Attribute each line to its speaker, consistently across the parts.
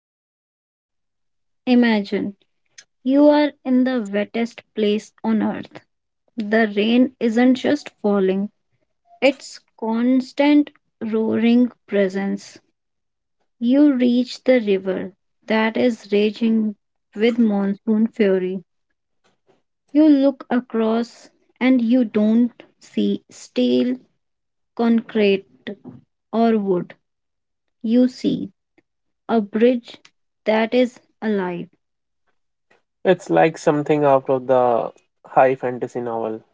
Speaker 1: Meghalaya. Imagine you are in the wettest place on earth. The rain isn't just falling, it's constant roaring presence. You reach the river that is raging with monsoon fury. You look across and you don't see steel, concrete, or wood. You see a bridge that is alive.
Speaker 2: It's like something out of the high fantasy novel.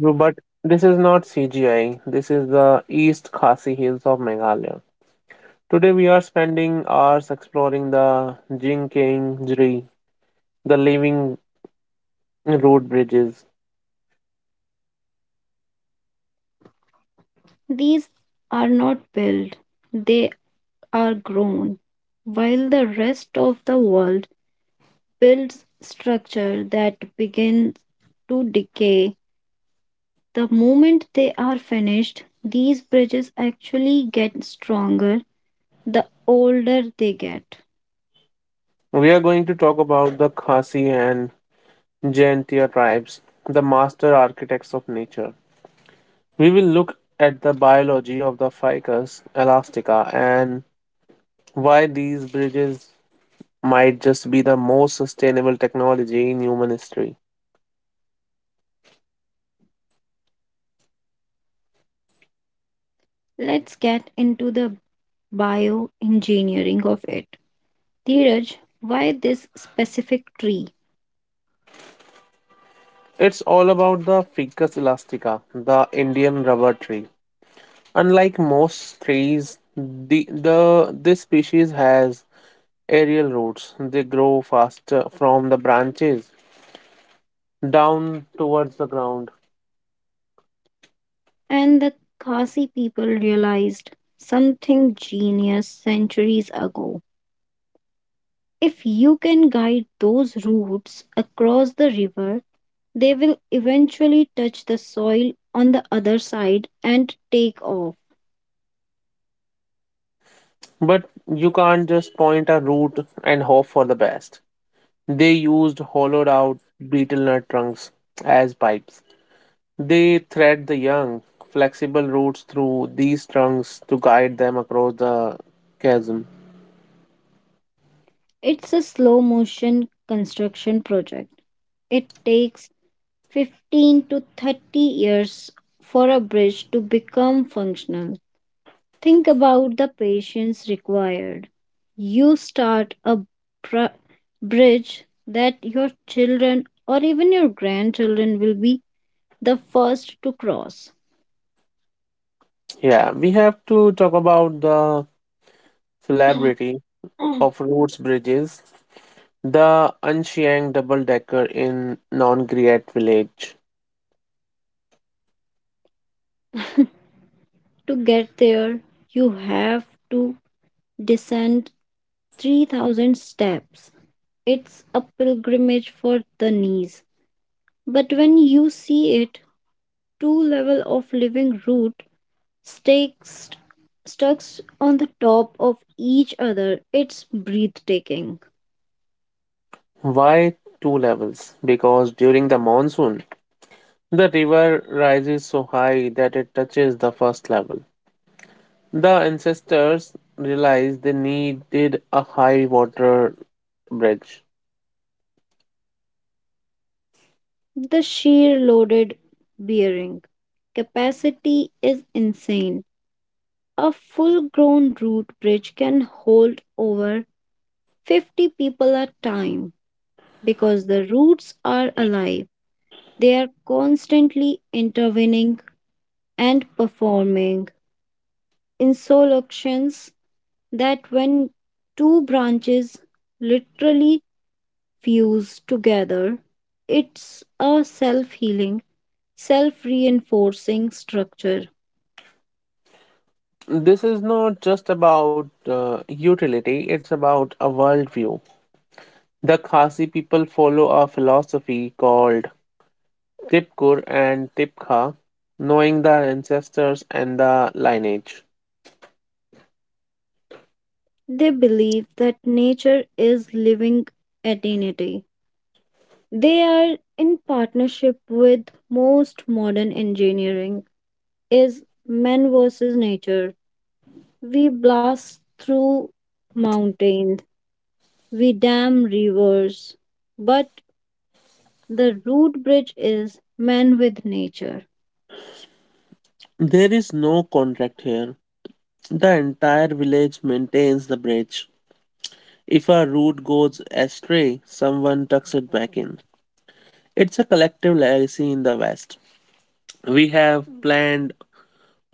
Speaker 2: But this is not CGI, this is the East Khasi Hills of Meghalaya. Today we are spending hours exploring the Jingkeng Jri, the living road bridges.
Speaker 1: These are not built, they are grown. While the rest of the world builds structure that begins to decay, the moment they are finished, these bridges actually get stronger the older they get.
Speaker 2: We are going to talk about the Khasi and Jaintia tribes, the master architects of nature. We will look at the biology of the ficus elastica and why these bridges might just be the most sustainable technology in human history.
Speaker 1: Let's get into the bioengineering of it. Dheeraj, why this specific tree?
Speaker 2: It's all about the Ficus elastica, the Indian rubber tree. Unlike most trees, the this species has aerial roots. They grow faster from the branches down towards the ground.
Speaker 1: And the Khasi people realized something genius centuries ago. If you can guide those roots across the river, they will eventually touch the soil on the other side and take off.
Speaker 2: But you can't just point a root and hope for the best. They used hollowed out betel nut trunks as pipes. They thread the young, flexible roots through these trunks to guide them across the chasm.
Speaker 1: It's a slow motion construction project. It takes 15 to 30 years for a bridge to become functional. Think about the patience required. You start a br- bridge that your children or even your grandchildren will be the first to cross.
Speaker 2: Yeah, we have to talk about the celebrity
Speaker 1: To
Speaker 2: of Roots Bridges, the Anshiang double decker in Non Griat village.
Speaker 1: get there, you have to descend 3,000 steps. It's a pilgrimage for the knees. But when you see it, two level of living root stakes stuck on the top of each other. It's breathtaking.
Speaker 2: Why two levels? Because during the monsoon, the river rises so high that it touches the first level. The ancestors realized they needed a high water bridge.
Speaker 1: The sheer loaded bearing capacity is insane. A full grown root bridge can hold over 50 people at time because the roots are alive. They are constantly intervening and performing in solutions that when two branches literally fused together. It's a self healing, self reinforcing structure.
Speaker 2: This is not just about utility, it's about a worldview. The Khasi people follow a philosophy called Tipkur and Tipkha, knowing the ancestors and the lineage.
Speaker 1: They believe that nature is living eternity. They are in partnership with most modern engineering is man versus nature. We blast through mountains, we dam rivers, but the root bridge is man with nature.
Speaker 2: There is no contract here. The entire village maintains the bridge. If a root goes astray, someone tucks it back in. It's a collective legacy in the West. We have planned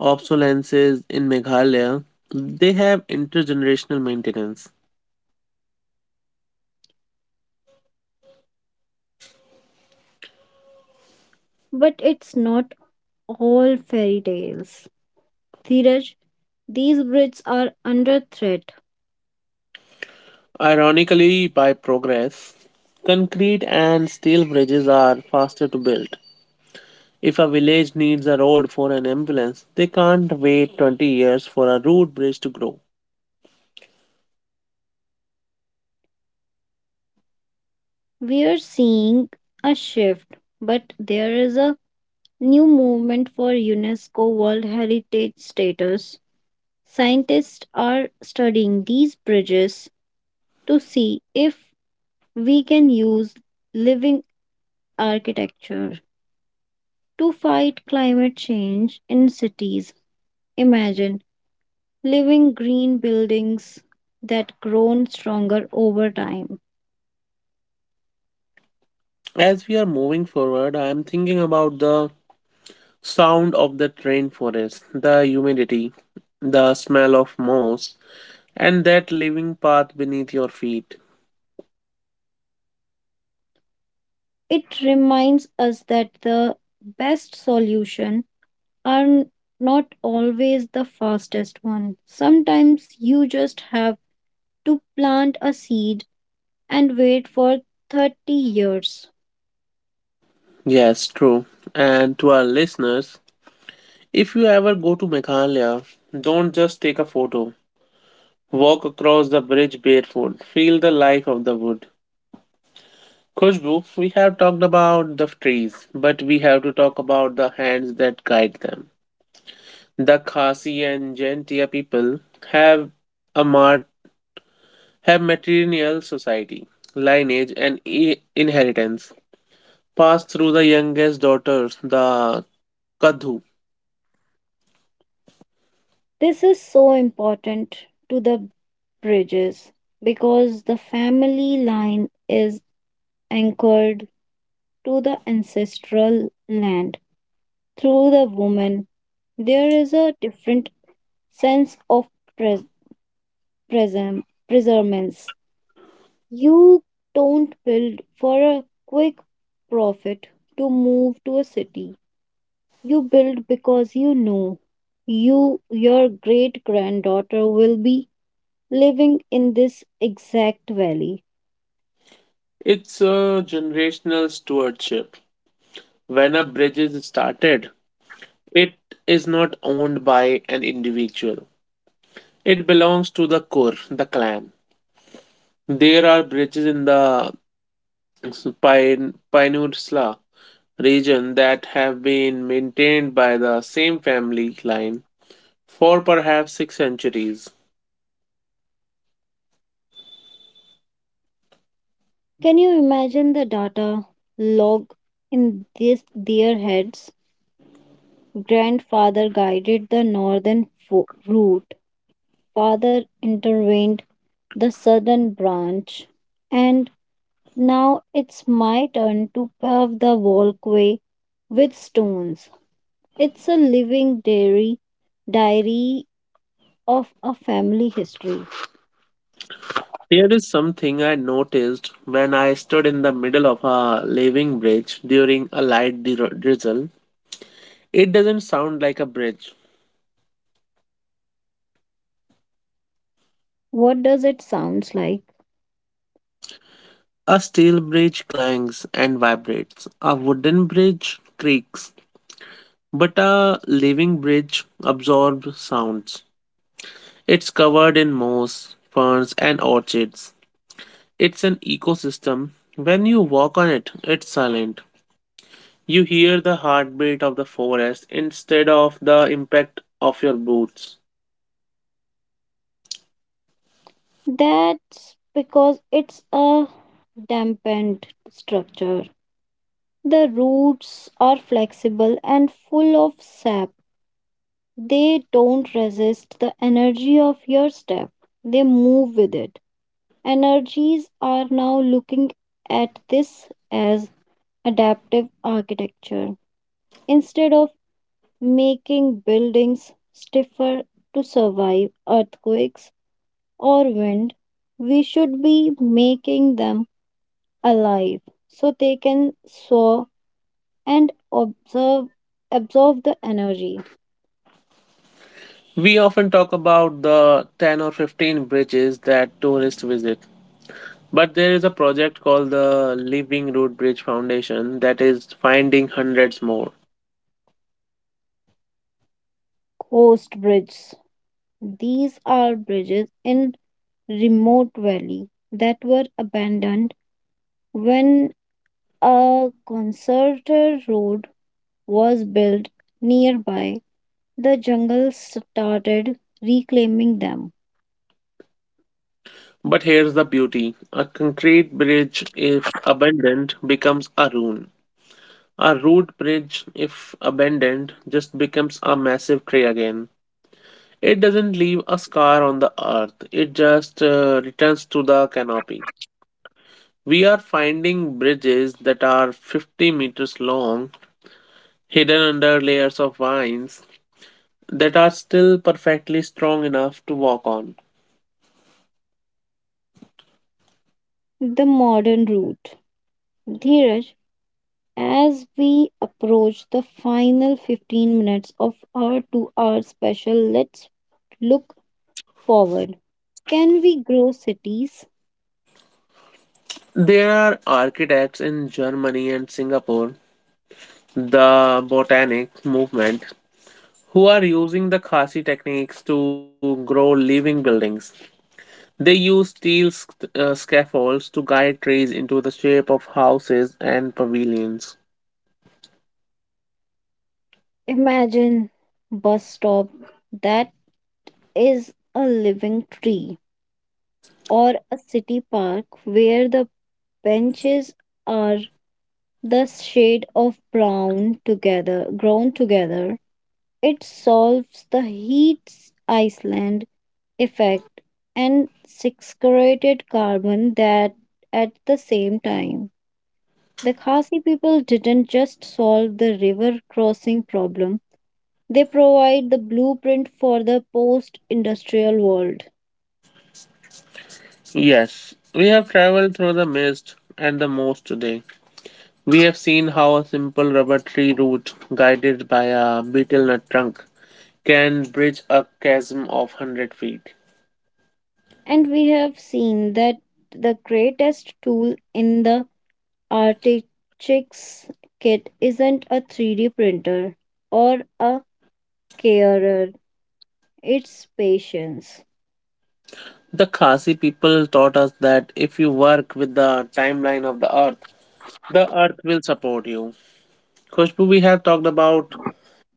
Speaker 2: obsolescences in Meghalaya, they have intergenerational maintenance.
Speaker 1: But it's not all fairy tales. Dheeraj, these bridges are under threat.
Speaker 2: Ironically, by progress, concrete and steel bridges are faster to build. If a village needs a road for an ambulance, they can't wait 20 years for a road bridge to grow.
Speaker 1: We are seeing a shift, but there is a new movement for UNESCO World Heritage status. Scientists are studying these bridges to see if we can use living architecture to fight climate change in cities. Imagine living green buildings that grown stronger over time.
Speaker 2: As we are moving forward, I am thinking about the sound of the train forest, the humidity, the smell of moss, and that living path beneath your feet.
Speaker 1: It reminds us that the best solution are not always the fastest one. Sometimes you just have to plant a seed and wait for 30 years.
Speaker 2: Yes, true. And to our listeners, if you ever go to Meghalaya, don't just take a photo. Walk across the bridge barefoot. Feel the life of the wood. Khushbu, we have talked about the trees, but we have to talk about the hands that guide them. The Khasi and Jaintia people have a mart have matrilineal society, lineage and inheritance passed through the youngest daughters, the Kadhu.
Speaker 1: This is so important to the bridges because the family line is anchored to the ancestral land. Through the woman, there is a different sense of pres- presem- preservance. You don't build for a quick profit to move to a city. You build because you know your great granddaughter will be living in this exact valley.
Speaker 2: It's a generational stewardship. When a bridge is started, it is not owned by an individual. It belongs to the Kur, the clan. There are bridges in the Pine, Peninsula region that have been maintained by the same family line for perhaps six centuries.
Speaker 1: Can you imagine the data log in this their heads? Grandfather guided the route. Father intervened the southern branch and now it's my turn to pave the walkway with stones. It's a living diary of a family history.
Speaker 2: There is something I noticed when I stood in the middle of a living bridge during a light drizzle. It doesn't sound like a bridge.
Speaker 1: What does it sounds like?
Speaker 2: A steel bridge clangs and vibrates, a wooden bridge creaks, but a living bridge absorbs sounds. It's covered in moss, ferns, and orchids. It's an ecosystem. When you walk on it, it's silent. You hear the heartbeat of the forest instead of the impact of your boots.
Speaker 1: That's because it's a dampened structure. The roots are flexible and full of sap. They don't resist the energy of your step. They move with it. Energies are now looking at this as adaptive architecture. Instead of making buildings stiffer to survive earthquakes or wind, we should be making them alive so they can soar and observe, absorb the energy.
Speaker 2: We often talk about the 10 or 15 bridges that tourists visit, but there is a project called the Living Root Bridge Foundation that is finding hundreds more.
Speaker 1: Coast bridges. These are bridges in remote valley that were abandoned when a concerted road was built nearby. The jungle started reclaiming them.
Speaker 2: But here's the beauty: a concrete bridge, if abandoned, becomes a ruin. A root bridge, if abandoned, just becomes a massive tree again. It doesn't leave a scar on the earth, it just returns to the canopy. We are finding bridges that are 50 meters long, hidden under layers of vines, that are still perfectly strong enough to walk on.
Speaker 1: The modern route. Dheeraj, as we approach the final 15 minutes of our 2 hour special, let's look forward. Can we grow cities?
Speaker 2: There are architects in Germany and Singapore, the botanic movement, who are using the Khasi techniques to grow living buildings. They use steel scaffolds to guide trees into the shape of houses and pavilions.
Speaker 1: Imagine bus stop that is a living tree or a city park where the benches are the shade of brown together grown together. It solves the heat island effect and sequestrated carbon that at the same time. The Khasi people didn't just solve the river crossing problem, they provide the blueprint for the post industrial world.
Speaker 2: Yes, we have traveled through the mist and the moss today. We have seen how a simple rubber tree root, guided by a betel nut trunk, can bridge a chasm of 100 feet.
Speaker 1: And we have seen that the greatest tool in the Artichicks kit isn't a 3D printer or a carer, it's patience.
Speaker 2: The Khasi people taught us that if you work with the timeline of the earth will support you. Khushbu, we have talked about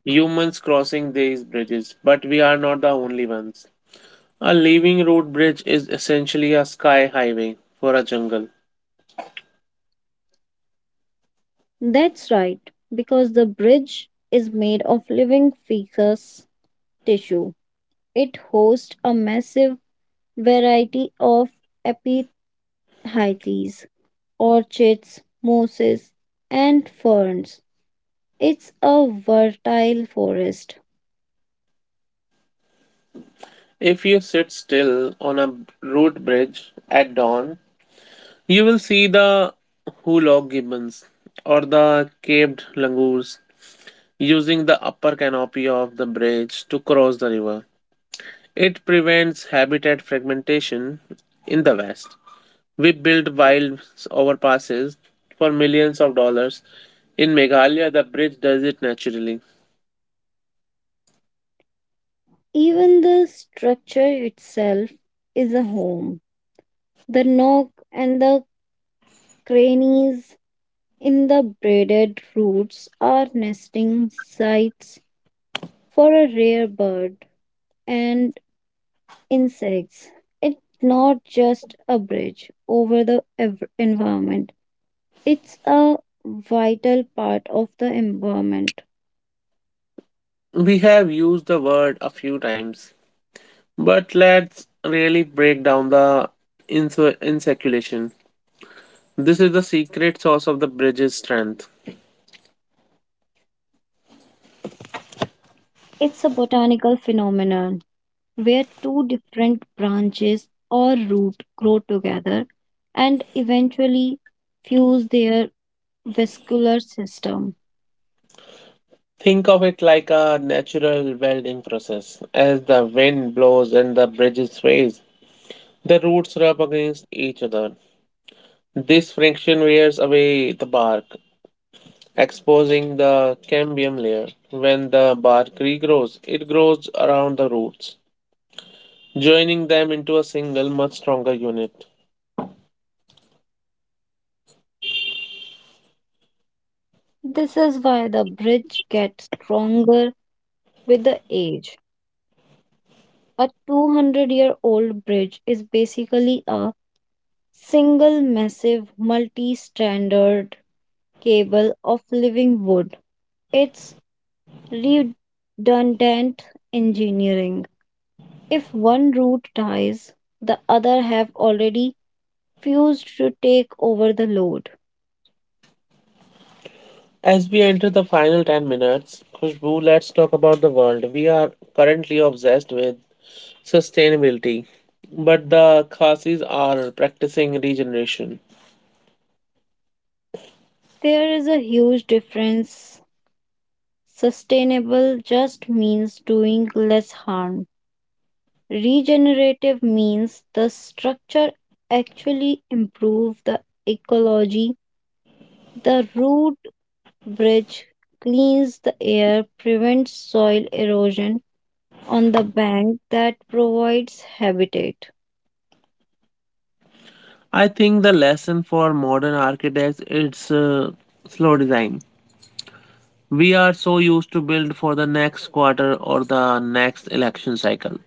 Speaker 2: humans crossing these bridges, but we are not the only ones. A living root bridge is essentially a sky highway for a jungle.
Speaker 1: That's right, because the bridge is made of living feces tissue. It hosts a massive variety of epiphytes, orchids, mosses, and ferns. It's a fertile forest.
Speaker 2: If you sit still on a root bridge at dawn, you will see the hulog gibbons or the caved langurs using the upper canopy of the bridge to cross the river. It prevents habitat fragmentation in the West. We built wild overpasses for millions of dollars. In Meghalaya, the bridge does it naturally.
Speaker 1: Even the structure itself is a home. The nook and the crannies in the braided roots are nesting sites for a rare bird and insects. It's not just a bridge over the environment, it's a vital part of the environment.
Speaker 2: We have used the word a few times, but let's really break down the inseculation. This is the secret sauce of the bridge's strength.
Speaker 1: It's a botanical phenomenon where two different branches or root grow together and eventually fuse their vascular system.
Speaker 2: Think of it like a natural welding process. As the wind blows and the bridge sways, the roots rub against each other. This friction wears away the bark, exposing the cambium layer. When the bark regrows, it grows around the roots, joining them into a single, much stronger unit.
Speaker 1: This is why the bridge gets stronger with the age. A 200-year-old bridge is basically a single massive multi-stranded cable of living wood. It's redundant engineering. If one root dies, the other have already fused to take over the load.
Speaker 2: As we enter the final 10 minutes, Khushbu, let's talk about the world. We are currently obsessed with sustainability, but the Khasis are practicing regeneration.
Speaker 1: There is a huge difference. Sustainable just means doing less harm. Regenerative means the structure actually improve the ecology. The root bridge cleans the air, prevents soil erosion on the bank that provides habitat.
Speaker 2: I think the lesson for modern architects is slow design. We are so used to build for the next quarter or the next election cycle.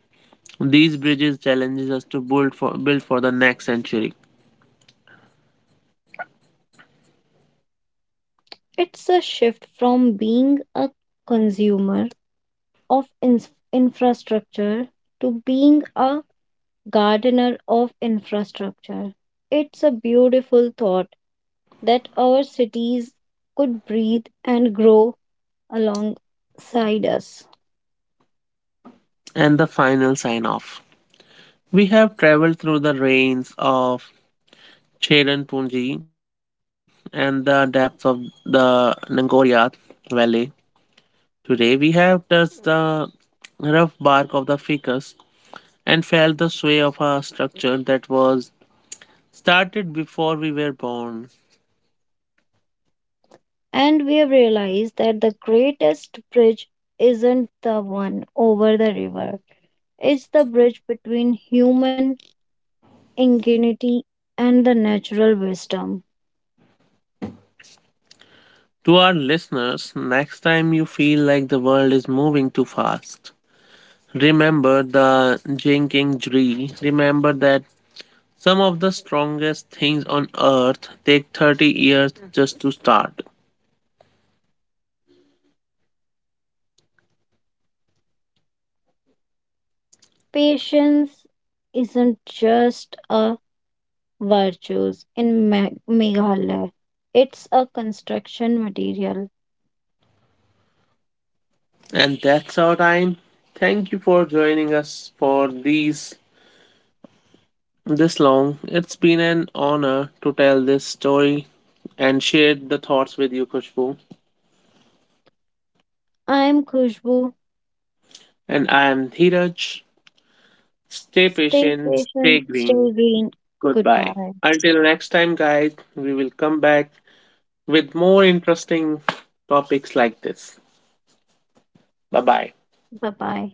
Speaker 2: These bridges challenges us to build for the next century
Speaker 1: It's a shift from being a consumer of infrastructure to being a gardener of infrastructure. It's a beautiful thought that our cities could breathe and grow alongside us.
Speaker 2: and the final sign off. We have traveled through the rains of Cheran Punji and the depths of the Nangoria Valley. Today we have touched the rough bark of the ficus and felt the sway of a structure that was started before we were born.
Speaker 1: And we have realized that the greatest bridge isn't the one over the river, it's the bridge between human ingenuity and the natural wisdom.
Speaker 2: To our listeners, next time you feel like the world is moving too fast, remember the jinking tree. Remember that some of the strongest things on earth take 30 years just to start.
Speaker 1: Patience isn't just a virtue in Meghalaya, it's a construction material.
Speaker 2: And that's our time. Thank you for joining us for these this long. It's been an honor to tell this story and share the thoughts with you, Kushbu.
Speaker 1: I'm Khushbu.
Speaker 2: And I am Dheeraj. Stay
Speaker 1: Stay
Speaker 2: patient, stay
Speaker 1: patient, stay
Speaker 2: green.
Speaker 1: green.
Speaker 2: Goodbye.
Speaker 1: Goodbye.
Speaker 2: Until next time, guys, we will come back with more interesting topics like this. Bye bye.
Speaker 1: Bye bye.